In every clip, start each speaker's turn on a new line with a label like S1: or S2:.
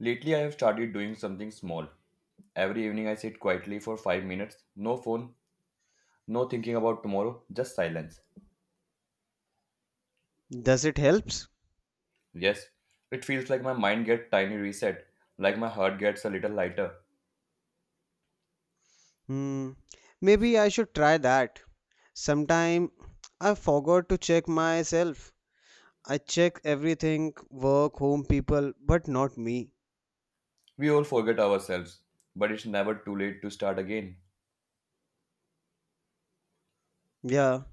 S1: Lately, I have started doing something small. Every evening, I sit quietly for 5 minutes. No phone, no thinking about tomorrow, just silence.
S2: Does it helps?
S1: Yes, it feels like my mind gets tiny reset, like my heart gets a little lighter.
S2: Hmm. Maybe I should try that. Sometime I forgot to check myself. I check everything, work, home, people, but not me.
S1: We all forget ourselves, but it's never too late to start again.
S2: Yeah.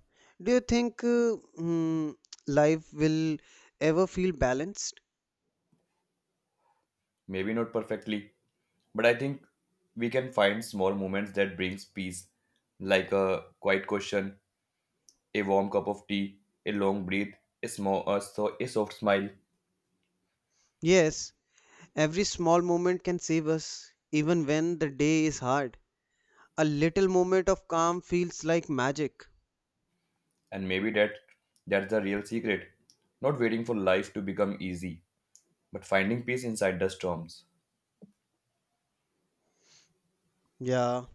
S2: Do you think life will ever feel balanced?
S1: Maybe not perfectly, but I think we can find small moments that brings peace, like a quiet question, a warm cup of tea, a long breath, a small, a, so, a soft smile.
S2: Yes. Every small moment can save us, even when the day is hard. A little moment of calm feels like magic.
S1: And maybe that's the real secret. Not waiting for life to become easy, but finding peace inside the storms.
S2: Yeah.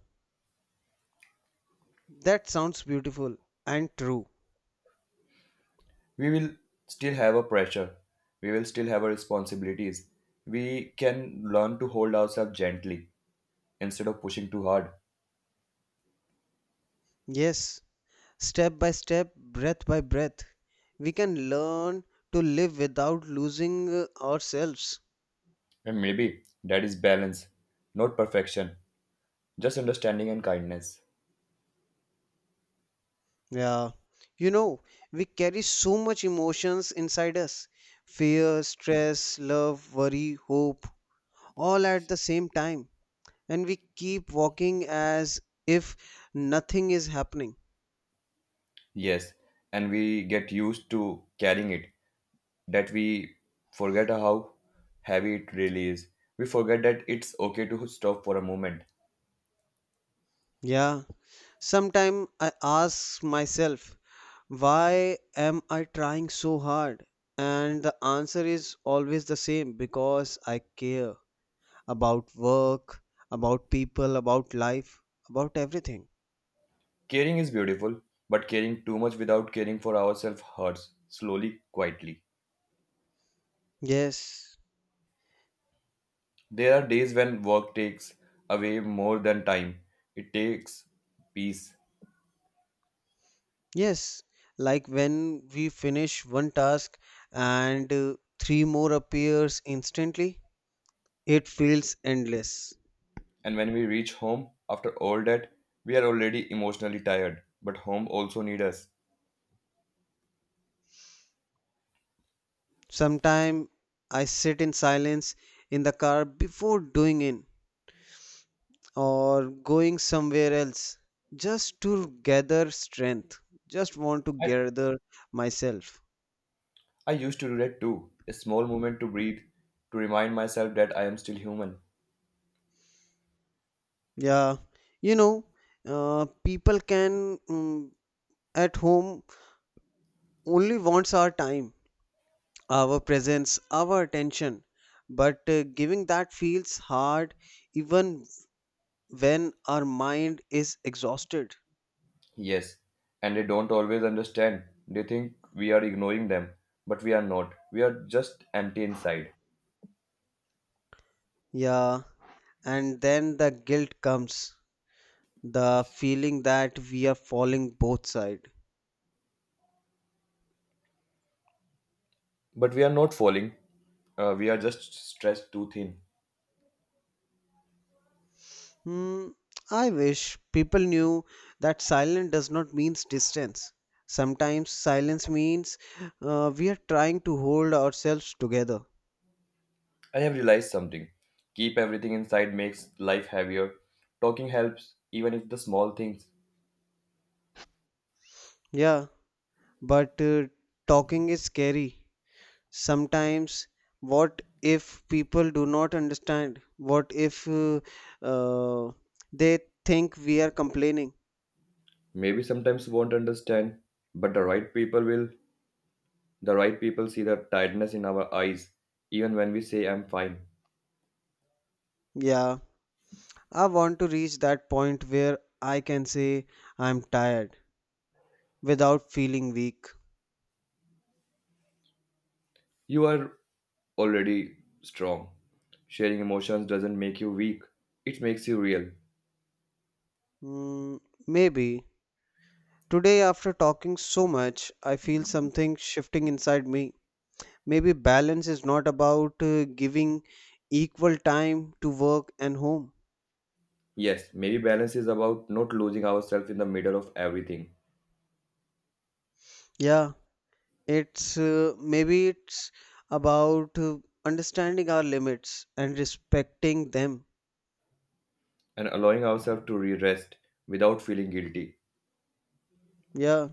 S2: That sounds beautiful and true.
S1: We will still have a pressure. We will still have our responsibilities. We can learn to hold ourselves gently instead of pushing too hard.
S2: Yes. Step by step, breath by breath, we can learn to live without losing ourselves.
S1: And maybe that is balance, not perfection, just understanding and kindness.
S2: Yeah. You know, we carry so much emotions inside us, fear, stress, love, worry, hope, all at the same time. And we keep walking as if nothing is happening.
S1: Yes, and we get used to carrying it that we forget how heavy it really is. We forget that it's okay to stop for a moment.
S2: Yeah. Sometimes I ask myself, why am I trying so hard? And the answer is always the same, because I care about work, about people, about life, about everything.
S1: Caring is beautiful, but caring too much without caring for ourselves hurts, slowly, quietly.
S2: Yes,
S1: There are days when work takes away more than time, it takes peace.
S2: yes. Like when we finish one task and three more appears instantly, it feels endless.
S1: And when we reach home after all that, we are already emotionally tired, but home also needs us.
S2: Sometime I sit in silence in the car before doing it or going somewhere else just to gather strength, just want to
S1: I,
S2: gather myself.
S1: I used to do that too. A small moment to breathe, to remind myself that I am still human.
S2: Yeah, you know, people can at home only wants our time, our presence, our attention, but giving that feels hard even when our mind is exhausted.
S1: Yes, and they don't always understand. They think we are ignoring them, but we are not. We are just empty inside.
S2: Yeah, and then the guilt comes, the feeling that we are falling both sides.
S1: But we are not falling. We are just stressed too thin.
S2: Hmm, I wish people knew that silence does not mean distance. Sometimes silence means we are trying to hold ourselves together.
S1: I have realized something. Keep everything inside makes life heavier. Talking helps, even if the small things.
S2: Yeah, but talking is scary. Sometimes, what if people do not understand? What if uh, they think we are complaining?
S1: Maybe sometimes won't understand, but the right people will. The right people see the tiredness in our eyes, even when we say I'm fine.
S2: Yeah, I want to reach that point where I can say I'm tired without feeling weak.
S1: You are already strong. Sharing emotions doesn't make you weak, it makes you real.
S2: Mm, maybe. Today, after talking so much, I feel something shifting inside me. Maybe balance is not about giving equal time to work and home.
S1: Yes, maybe balance is about not losing ourselves in the middle of everything
S2: Yeah, it's maybe it's about understanding our limits and respecting them.
S1: and allowing ourselves to re rest without feeling guilty
S2: Yeah,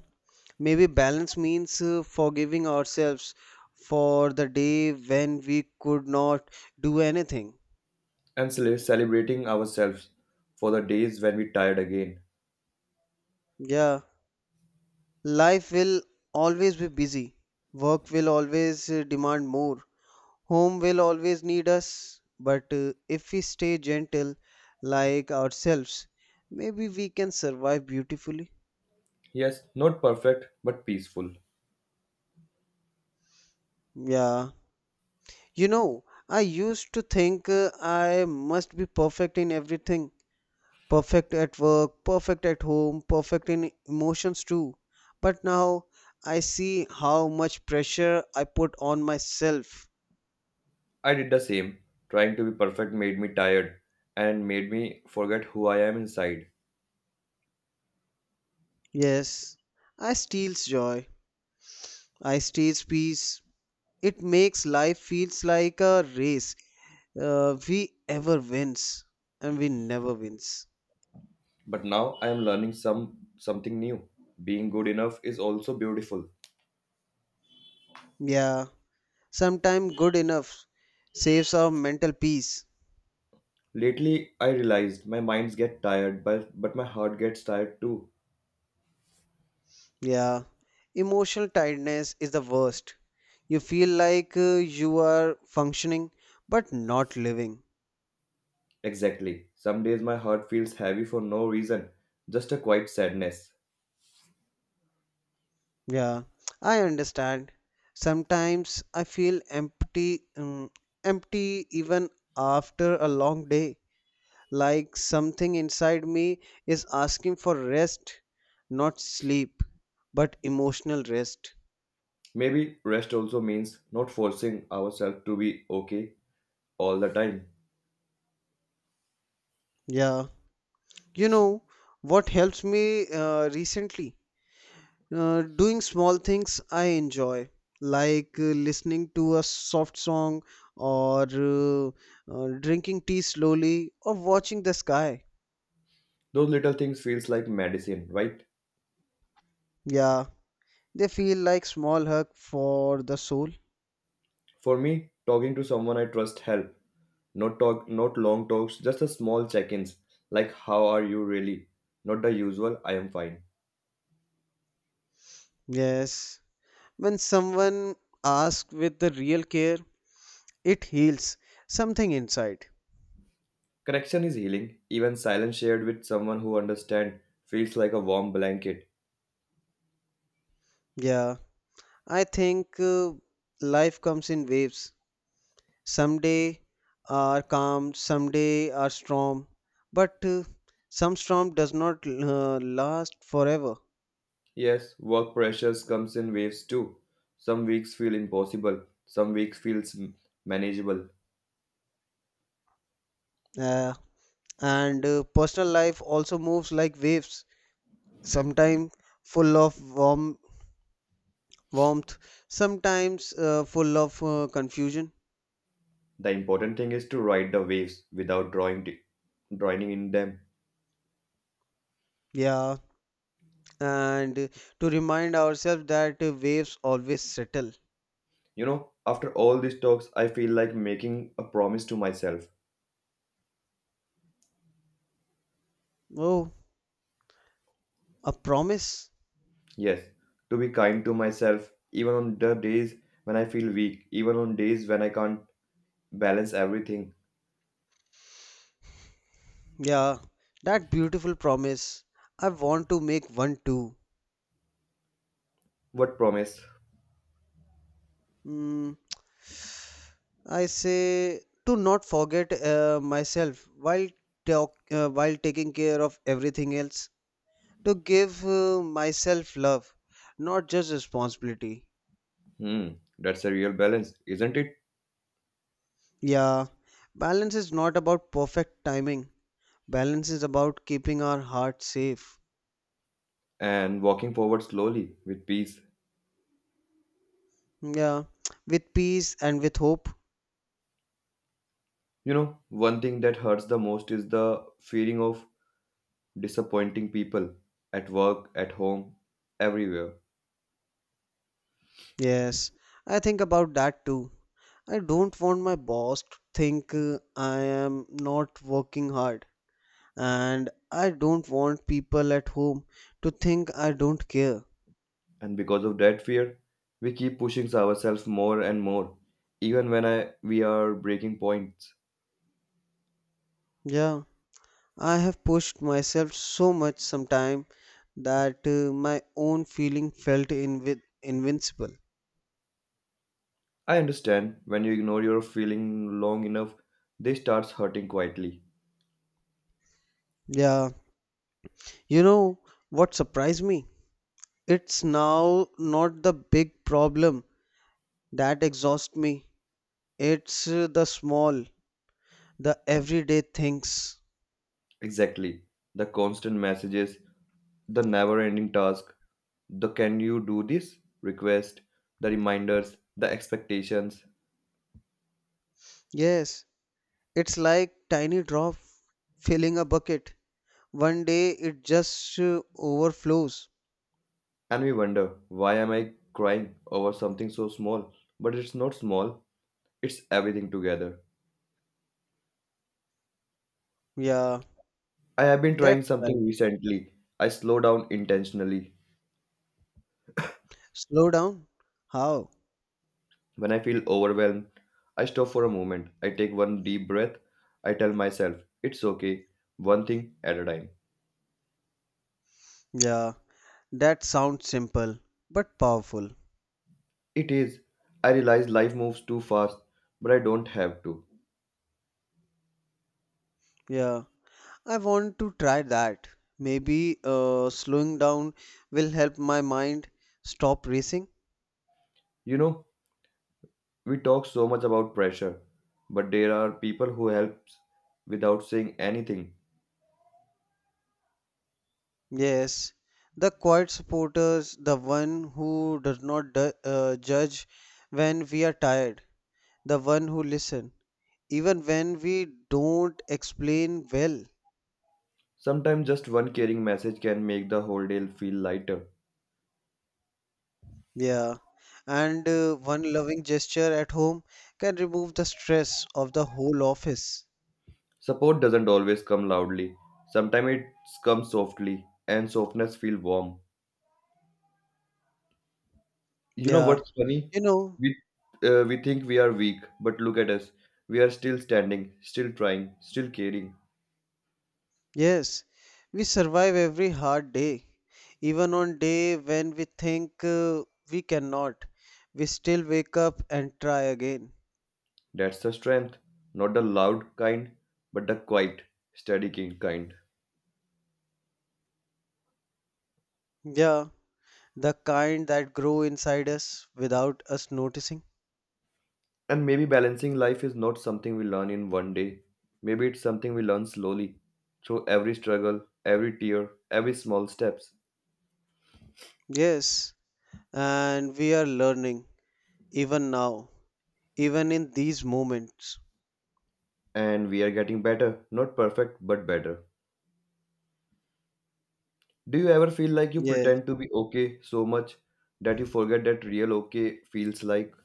S2: maybe balance means forgiving ourselves for the day when we could not do anything.
S1: and celebrating ourselves for the days when we tired again.
S2: Yeah. Life will always be busy. Work will always demand more. Home will always need us. But if we stay gentle, like ourselves, maybe we can survive beautifully.
S1: Yes, not perfect but peaceful.
S2: Yeah. You know, I used to think I must be perfect in everything, perfect at work, perfect at home, perfect in emotions too. But now I see how much pressure I put on myself.
S1: I did the same. Trying to be perfect made me tired and made me forget who I am inside.
S2: Yes, I steals joy. I steals peace. It makes life feels like a race. We ever wins and we never wins.
S1: But now I am learning something new. Being good enough is also beautiful.
S2: Yeah, sometime good enough saves our mental peace.
S1: Lately I realized my minds get tired but my heart gets tired too.
S2: Yeah, emotional tiredness is the worst. You feel like you are functioning but not living.
S1: Exactly. Some days my heart feels heavy for no reason, just a quiet sadness.
S2: Yeah, I understand. Sometimes I feel empty even after a long day, like something inside me is asking for rest, not sleep, but emotional rest.
S1: Maybe rest also means not forcing ourselves to be okay all the time.
S2: Yeah, you know what helps me recently? Doing small things I enjoy, like listening to a soft song or drinking tea slowly or watching the sky.
S1: Those little things feels like medicine, right?
S2: Yeah, they feel like small hug for the soul.
S1: For me, talking to someone I trust help. Not talk, not long talks, just a small check-ins like how are you really? Not the usual I am fine.
S2: Yes. When someone asks with the real care, it heals something inside.
S1: Correction is healing. Even silence shared with someone who understands feels like a warm blanket.
S2: Yeah. I think life comes in waves. Some day are calm, some day are storm. But some storm does not last forever.
S1: Yes, work pressures comes in waves too. Some weeks feel impossible, some weeks feels manageable.
S2: Uh, and personal life also moves like waves, sometimes full of warmth, sometimes full of confusion.
S1: The important thing is to ride the waves without drowning in them.
S2: Yeah, and to remind ourselves that waves always settle.
S1: You know, after all these talks, I feel like making a promise to myself.
S2: Oh, a promise?
S1: Yes, to be kind to myself, even on the days when I feel weak, even on days when I can't balance everything.
S2: Yeah, that beautiful promise. I want to make one too.
S1: What promise?
S2: Mm, I say to not forget myself while while taking care of everything else. To give myself love, not just responsibility.
S1: Hmm, that's a real balance, isn't it?
S2: Yeah, balance is not about perfect timing. Balance is about keeping our heart safe.
S1: And walking forward slowly with peace.
S2: Yeah, with peace and with hope.
S1: You know, one thing that hurts the most is the feeling of disappointing people at work, at home, everywhere.
S2: Yes, I think about that too. I don't want my boss to think I am not working hard. And I don't want people at home to think I don't care.
S1: And because of that fear, we keep pushing ourselves more and more, even we are breaking points.
S2: Yeah, I have pushed myself so much sometime that my own feeling felt invincible.
S1: I understand when you ignore your feeling long enough, they starts hurting quietly.
S2: Yeah, you know what surprised me? It's now not the big problem that exhausts me. It's the small, the everyday things.
S1: Exactly. The constant messages, the never-ending task, the can you do this request, the reminders, the expectations,
S2: Yes, it's like tiny drop filling a bucket. One day it just overflows.
S1: and we wonder why am I crying over something so small? But it's not small, it's everything together.
S2: Yeah,
S1: I have been trying
S2: that's
S1: something
S2: right.
S1: recently. I slow down intentionally.
S2: Slow down. How?
S1: When I feel overwhelmed, I stop for a moment. I take one deep breath. I tell myself, it's okay, one thing at a time.
S2: Yeah, that sounds simple but powerful.
S1: It is. I realize life moves too fast, but I don't have to.
S2: Yeah. I want to try that. Maybe slowing down will help my mind stop racing.
S1: You know, we talk so much about pressure, but there are people who helps without saying anything.
S2: Yes, the quiet supporters, the one who does not judge when we are tired, the one who listen even when we don't explain well.
S1: Sometimes just one caring message can make the whole day feel lighter.
S2: Yeah, and one loving gesture at home can remove the stress of the whole office.
S1: Support doesn't always come loudly. Sometimes it comes softly, and softness feels warm. You know
S2: Yeah,
S1: what's funny?
S2: you know.
S1: We we think we are weak, but look at us. We are still standing, still trying, still caring.
S2: Yes, we survive every hard day. Even on day when we think we cannot, we still wake up and try again.
S1: That's the strength, not the loud kind, but the quiet, steady kind.
S2: Yeah, the kind that grow inside us without us noticing.
S1: And maybe balancing life is not something we learn in one day. Maybe it's something we learn slowly, through every struggle, every tear, every small steps.
S2: Yes, and we are learning even now, even in these moments.
S1: And we are getting better, not perfect, but better. Do you ever feel like you
S2: Yes,
S1: pretend to be okay so much that you forget that real okay feels like?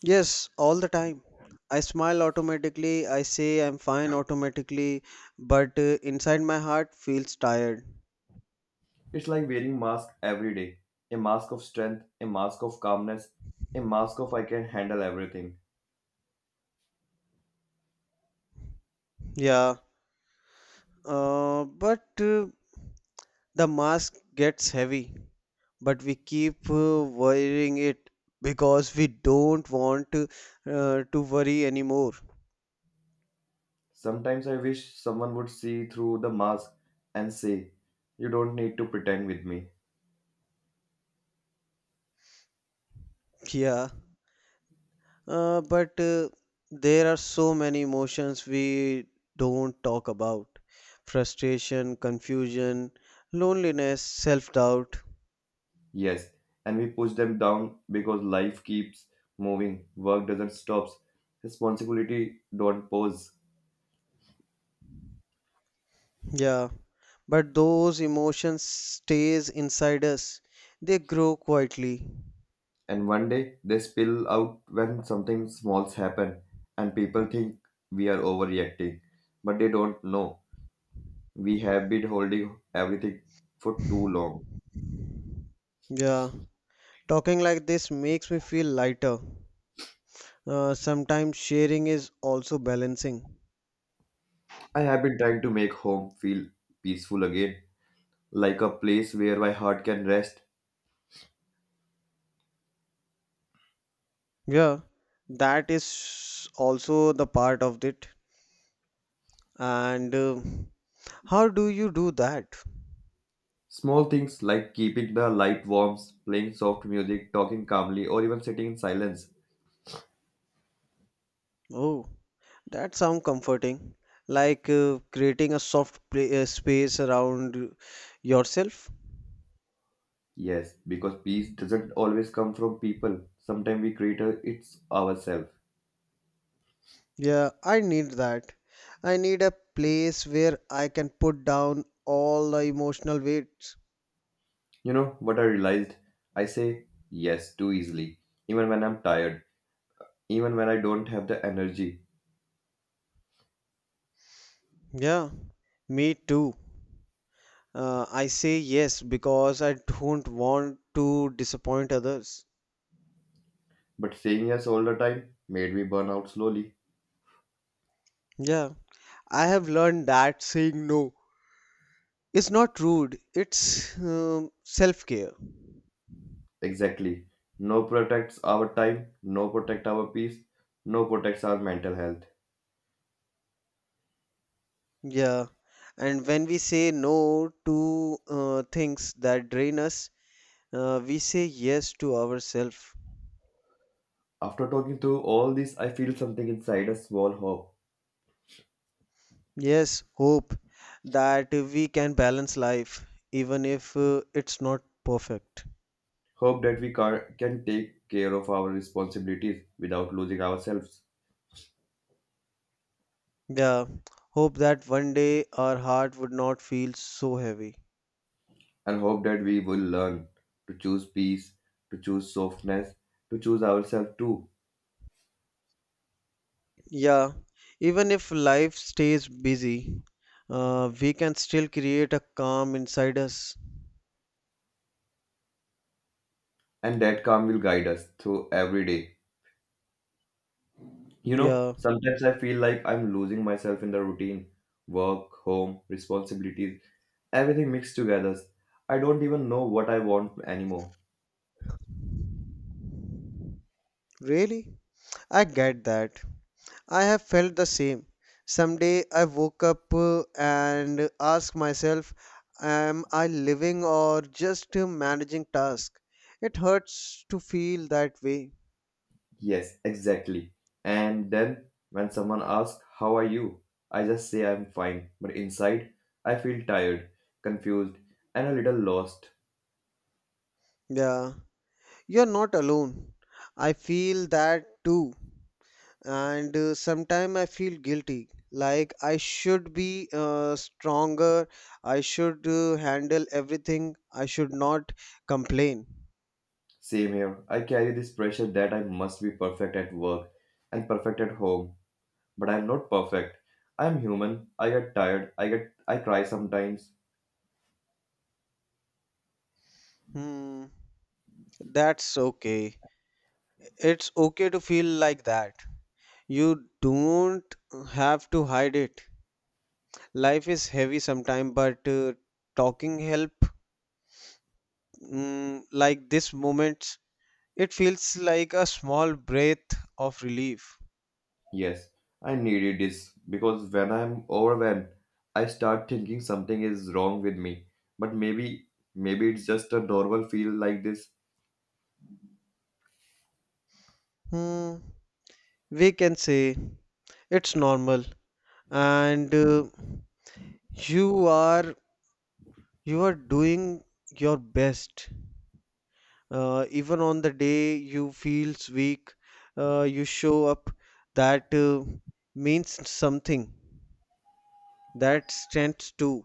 S2: yes, all the time. I smile automatically, I say I'm fine automatically, but inside my heart feels tired.
S1: It's like wearing mask every day. A mask of strength, a mask of calmness, a mask of I can handle everything.
S2: Yeah. But the mask gets heavy, but we keep wearing it because we don't want to worry anymore.
S1: Sometimes I wish someone would see through the mask and say, You don't need to pretend with me.
S2: Yeah, but there are so many emotions we don't talk about. Frustration, confusion, loneliness, self-doubt.
S1: Yes, and we push them down because life keeps moving, work doesn't stop, responsibility don't pause.
S2: Yeah, but those emotions stays inside us. They grow quietly.
S1: And one day they spill out when something smalls happen and people think we are overreacting, but they don't know we have been holding everything for too long.
S2: Yeah. Talking like this makes me feel lighter. Sometimes sharing is also balancing.
S1: I have been trying to make home feel peaceful again, like a place where my heart can rest.
S2: Yeah, that is also the part of it. And how do you do that?
S1: Small things like keeping the light warm, playing soft music, talking calmly, or even sitting in silence.
S2: Oh, that sounds comforting. Like creating a soft space around yourself.
S1: Yes, because peace doesn't always come from people. Sometimes we create it ourselves.
S2: Yeah, I need that. I need a place where I can put down all the emotional weights.
S1: You know what I realized? I say yes too easily, even when I'm tired, even when I don't have the energy.
S2: Yeah, me too. I say yes because I don't want to disappoint others.
S1: But saying yes all the time made me burn out slowly.
S2: Yeah, I have learned that saying no is not rude, it's self-care.
S1: Exactly. No protects our time, no protect our peace, no protects our mental health.
S2: Yeah, and when we say no to things that drain us, we say yes to ourselves.
S1: After talking through all this, I feel something inside a small hope.
S2: Yes, hope that we can balance life even if it's not perfect.
S1: Hope that we can take care of our responsibilities without losing ourselves.
S2: Yeah, hope that one day our heart would not feel so heavy.
S1: And hope that we will learn to choose peace, to choose softness, to choose ourselves too.
S2: Yeah, even if life stays busy, we can still create a calm inside us.
S1: And that calm will guide us through every day. You know,
S2: Yeah,
S1: sometimes I feel like I'm losing myself in the routine work, home, responsibilities, everything mixed together. I don't even know what I want anymore.
S2: really? I get that. I have felt the same. Someday I woke up and asked myself, am I living or just managing tasks? It hurts to feel that way.
S1: Yes, exactly. And then when someone asks, How are you? I just say I'm fine, but inside, I feel tired, confused, and a little lost.
S2: Yeah, you're not alone. I feel that too. And sometimes I feel guilty, like I should be stronger, I should handle everything, I should not complain.
S1: Same here, I carry this pressure that I must be perfect at work and perfect at home. But I'm not perfect. I'm human. I get tired. I cry sometimes.
S2: Hmm, that's okay. It's okay to feel like that. You don't have to hide it. Life is heavy sometimes, but talking help. Like this moments, it feels like a small breath of relief.
S1: Yes, I needed this because when I'm overwhelmed, I start thinking something is wrong with me. But maybe it's just a normal feel like this.
S2: Hmm, we can say it's normal, and you are, you are doing your best. Even on the day you feels weak, you show up. That means something. That strength too.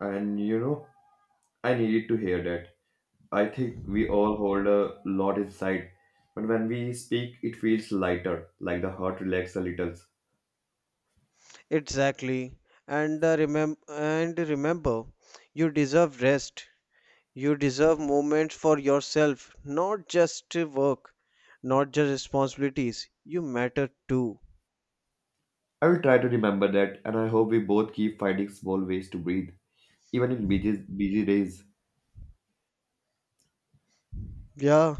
S1: And you know, I needed to hear that. I think we all hold a lot inside, but when we speak, it feels lighter, like the heart relaxes a little.
S2: Exactly. And remember you deserve rest. You deserve moments for yourself, not just work, not just responsibilities. You matter too.
S1: I will try to remember that, and I hope we both keep finding small ways to breathe, even in busy, busy days.
S2: Yeah,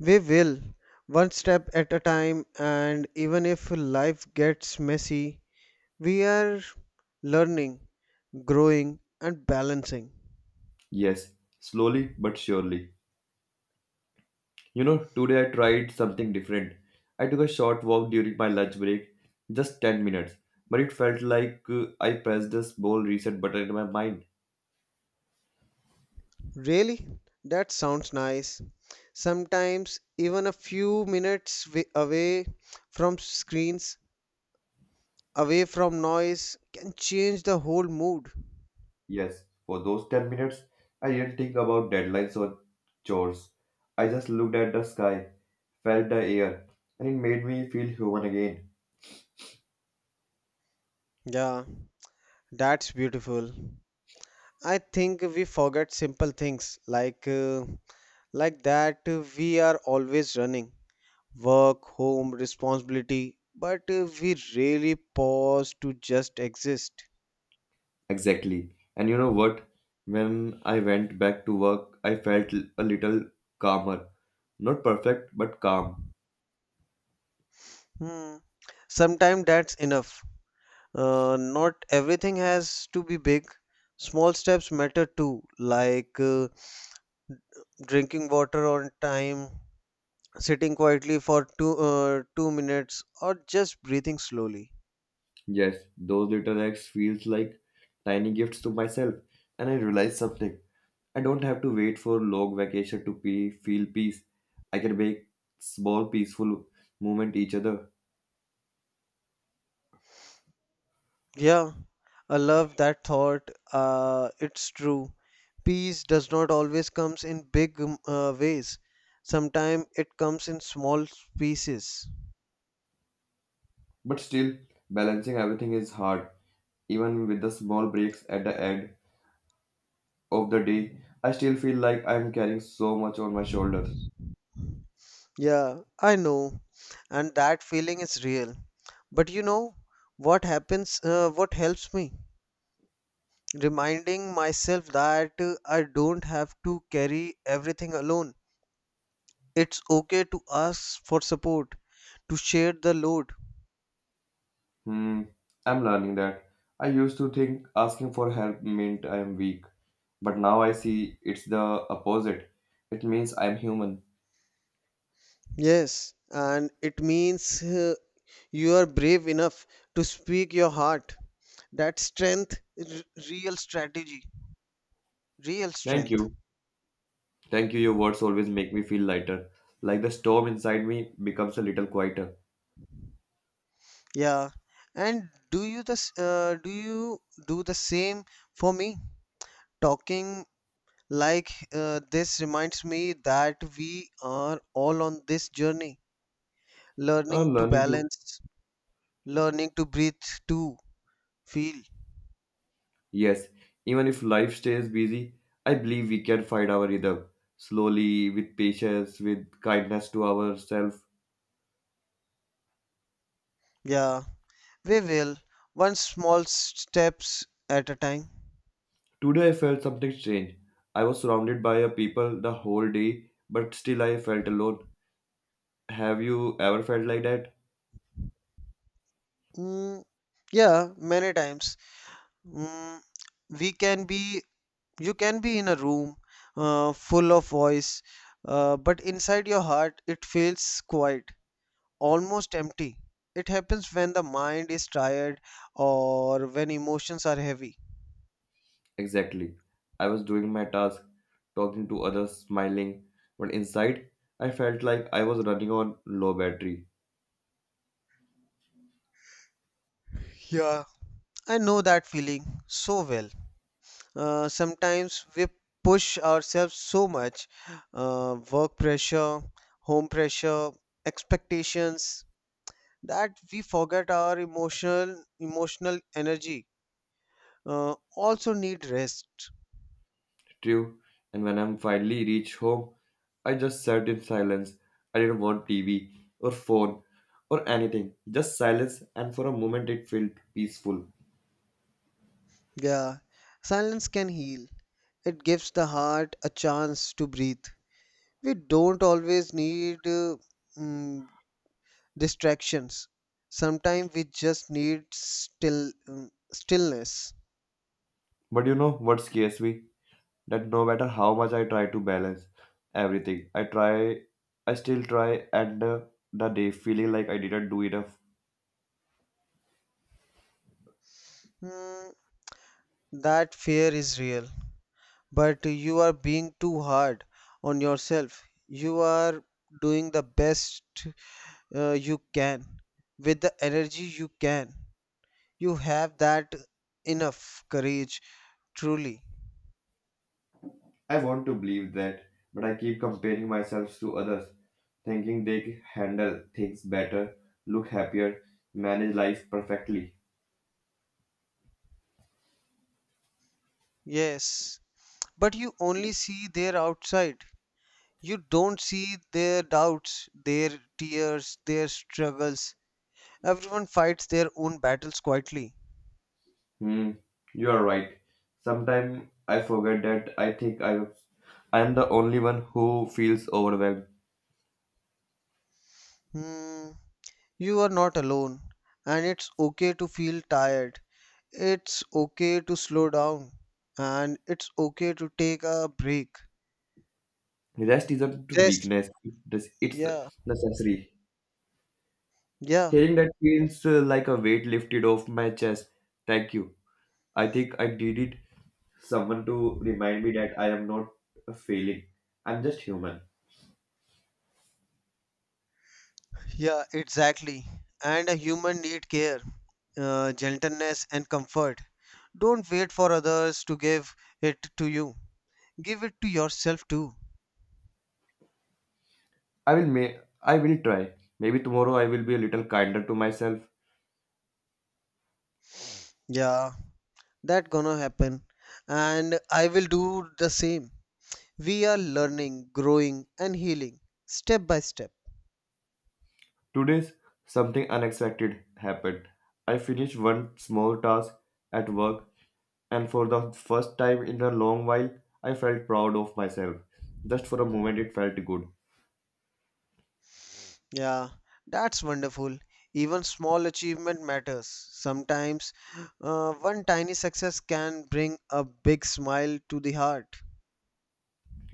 S2: we will. One step at a time, and even if life gets messy, we are learning, growing, and balancing.
S1: Yes, slowly but surely. You know, today I tried something different. I took a short walk during my lunch break, just 10 minutes, but it felt like I pressed a small reset button in my mind.
S2: Really? That sounds nice. Sometimes, even a few minutes away from screens, away from noise, can change the whole mood.
S1: Yes, for those 10 minutes, I didn't think about deadlines or chores. I just looked at the sky, felt the air, and it made me feel human again.
S2: Yeah. That's beautiful. I think we forget simple things like like that we are always running, work, home, responsibility, but we really pause to just exist.
S1: Exactly. And you know what? When I went back to work, I felt a little calmer. Not perfect, but calm.
S2: Hmm. Sometimes that's enough. Not everything has to be big. Small steps matter too, like drinking water on time, sitting quietly for 2 minutes, or just breathing slowly.
S1: Yes, those little acts feels like tiny gifts to myself, and I realize something. I don't have to wait for long vacation to feel peace. I can make small peaceful moment each other.
S2: Yeah, I love that thought. It's true. Peace does not always comes in big ways. Sometimes it comes in small pieces.
S1: But still, balancing everything is hard. Even with the small breaks at the end of the day, I still feel like I'm carrying so much on my shoulders.
S2: Yeah, I know, and that feeling is real. But you know what happens? What helps me? Reminding myself that I don't have to carry everything alone. It's okay to ask for support, to share the load.
S1: Hmm, I'm learning that. I used to think asking for help meant I am weak, but now I see it's the opposite. It means I'm human.
S2: Yes, and it means you are brave enough to speak your heart. That strength is real strategy, real
S1: Thank
S2: strength.
S1: you. Thank you. Your words always make me feel lighter. Like the storm inside me becomes a little quieter.
S2: Yeah. And do you do you do the same for me? Talking like this reminds me that we are all on this journey, learning
S1: I'm
S2: to
S1: learning to.
S2: balance, learning to breathe, to feel.
S1: Yes, even if life stays busy, I believe we can find our rhythm. Slowly, with patience, with kindness to ourselves.
S2: Yeah. We will, one small steps at a time.
S1: Today I felt something strange. I was surrounded by a people the whole day, but still I felt alone. Have you ever felt like that?
S2: Mm, yeah, many times. Mm, we can be, you can be in a room full of voice, but inside your heart it feels quiet, almost empty. It happens when the mind is tired or when emotions are heavy.
S1: Exactly. I was doing my task, talking to others, smiling, but inside I felt like I was running on low battery.
S2: Yeah, I know that feeling so well. Sometimes we push ourselves so much, work pressure, home pressure, expectations, that we forget our emotional energy also need rest.
S1: True. And when I finally reached home, I just sat in silence. I didn't want TV or phone or anything. Just silence, and for a moment it felt peaceful.
S2: Yeah, silence can heal. It gives the heart a chance to breathe. We don't always need mm, distractions. Sometimes we just need stillness.
S1: But you know what scares me? That no matter how much I try to balance everything, I try, I still try, and the day feeling like I didn't do enough.
S2: Mm, that fear is real, but you are being too hard on yourself. You are doing the best you can with the energy you can. You have that enough courage, truly.
S1: I want to believe that, but I keep comparing myself to others, thinking they handle things better, look happier, manage life perfectly.
S2: Yes, but you only see their outside. You don't see their doubts, their tears, their struggles. Everyone fights their own battles quietly.
S1: Hmm, you are right. Sometimes I forget that I am the only one who feels overwhelmed.
S2: Hmm, you are not alone, and it's okay to feel tired. It's okay to slow down, and it's okay to take a break.
S1: Rest isn't
S2: Rest.
S1: weakness, it's
S2: Yeah,
S1: necessary.
S2: yeah,
S1: Hearing that feels like a weight lifted off my chest. Thank you. I think I needed someone to remind me that I am not a failing. I'm just human.
S2: yeah, exactly. And a human need care, gentleness, and comfort. Don't wait for others to give it to you. Give it to yourself too.
S1: I will try. Maybe tomorrow I will be a little kinder to myself.
S2: Yeah, that gonna happen. And I will do the same. We are learning, growing, and healing step by step.
S1: Today's something unexpected happened. I finished one small task at work and for the first time in a long while I felt proud of myself. Just for a moment it felt good.
S2: Yeah, that's wonderful. Even small achievement matters. Sometimes one tiny success can bring a big smile to the heart.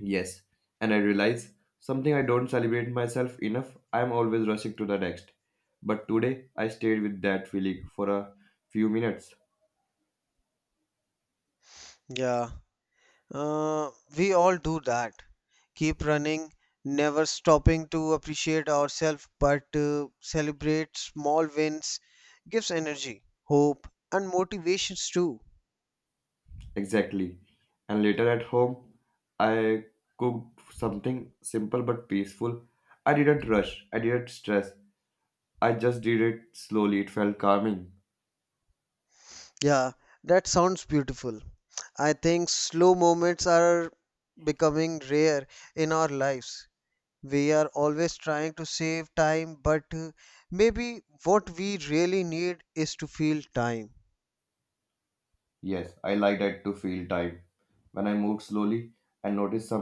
S1: Yes, and I realize something I don't celebrate myself enough. I am always rushing to the next. But today I stayed with that feeling for a few minutes
S2: Yeah, uh, we all do that, keep running, never stopping to appreciate ourselves, but celebrate small wins gives energy, hope, and motivations too.
S1: exactly. And later at home, I cooked something simple but peaceful. I didn't rush, I didn't stress. I just did it slowly. It felt calming.
S2: Yeah, that sounds beautiful. I think slow moments are becoming rare in our lives. We are always trying to save time, but maybe what we really need is to feel time.
S1: Yes, I like that to feel time. When I moved slowly and noticed something.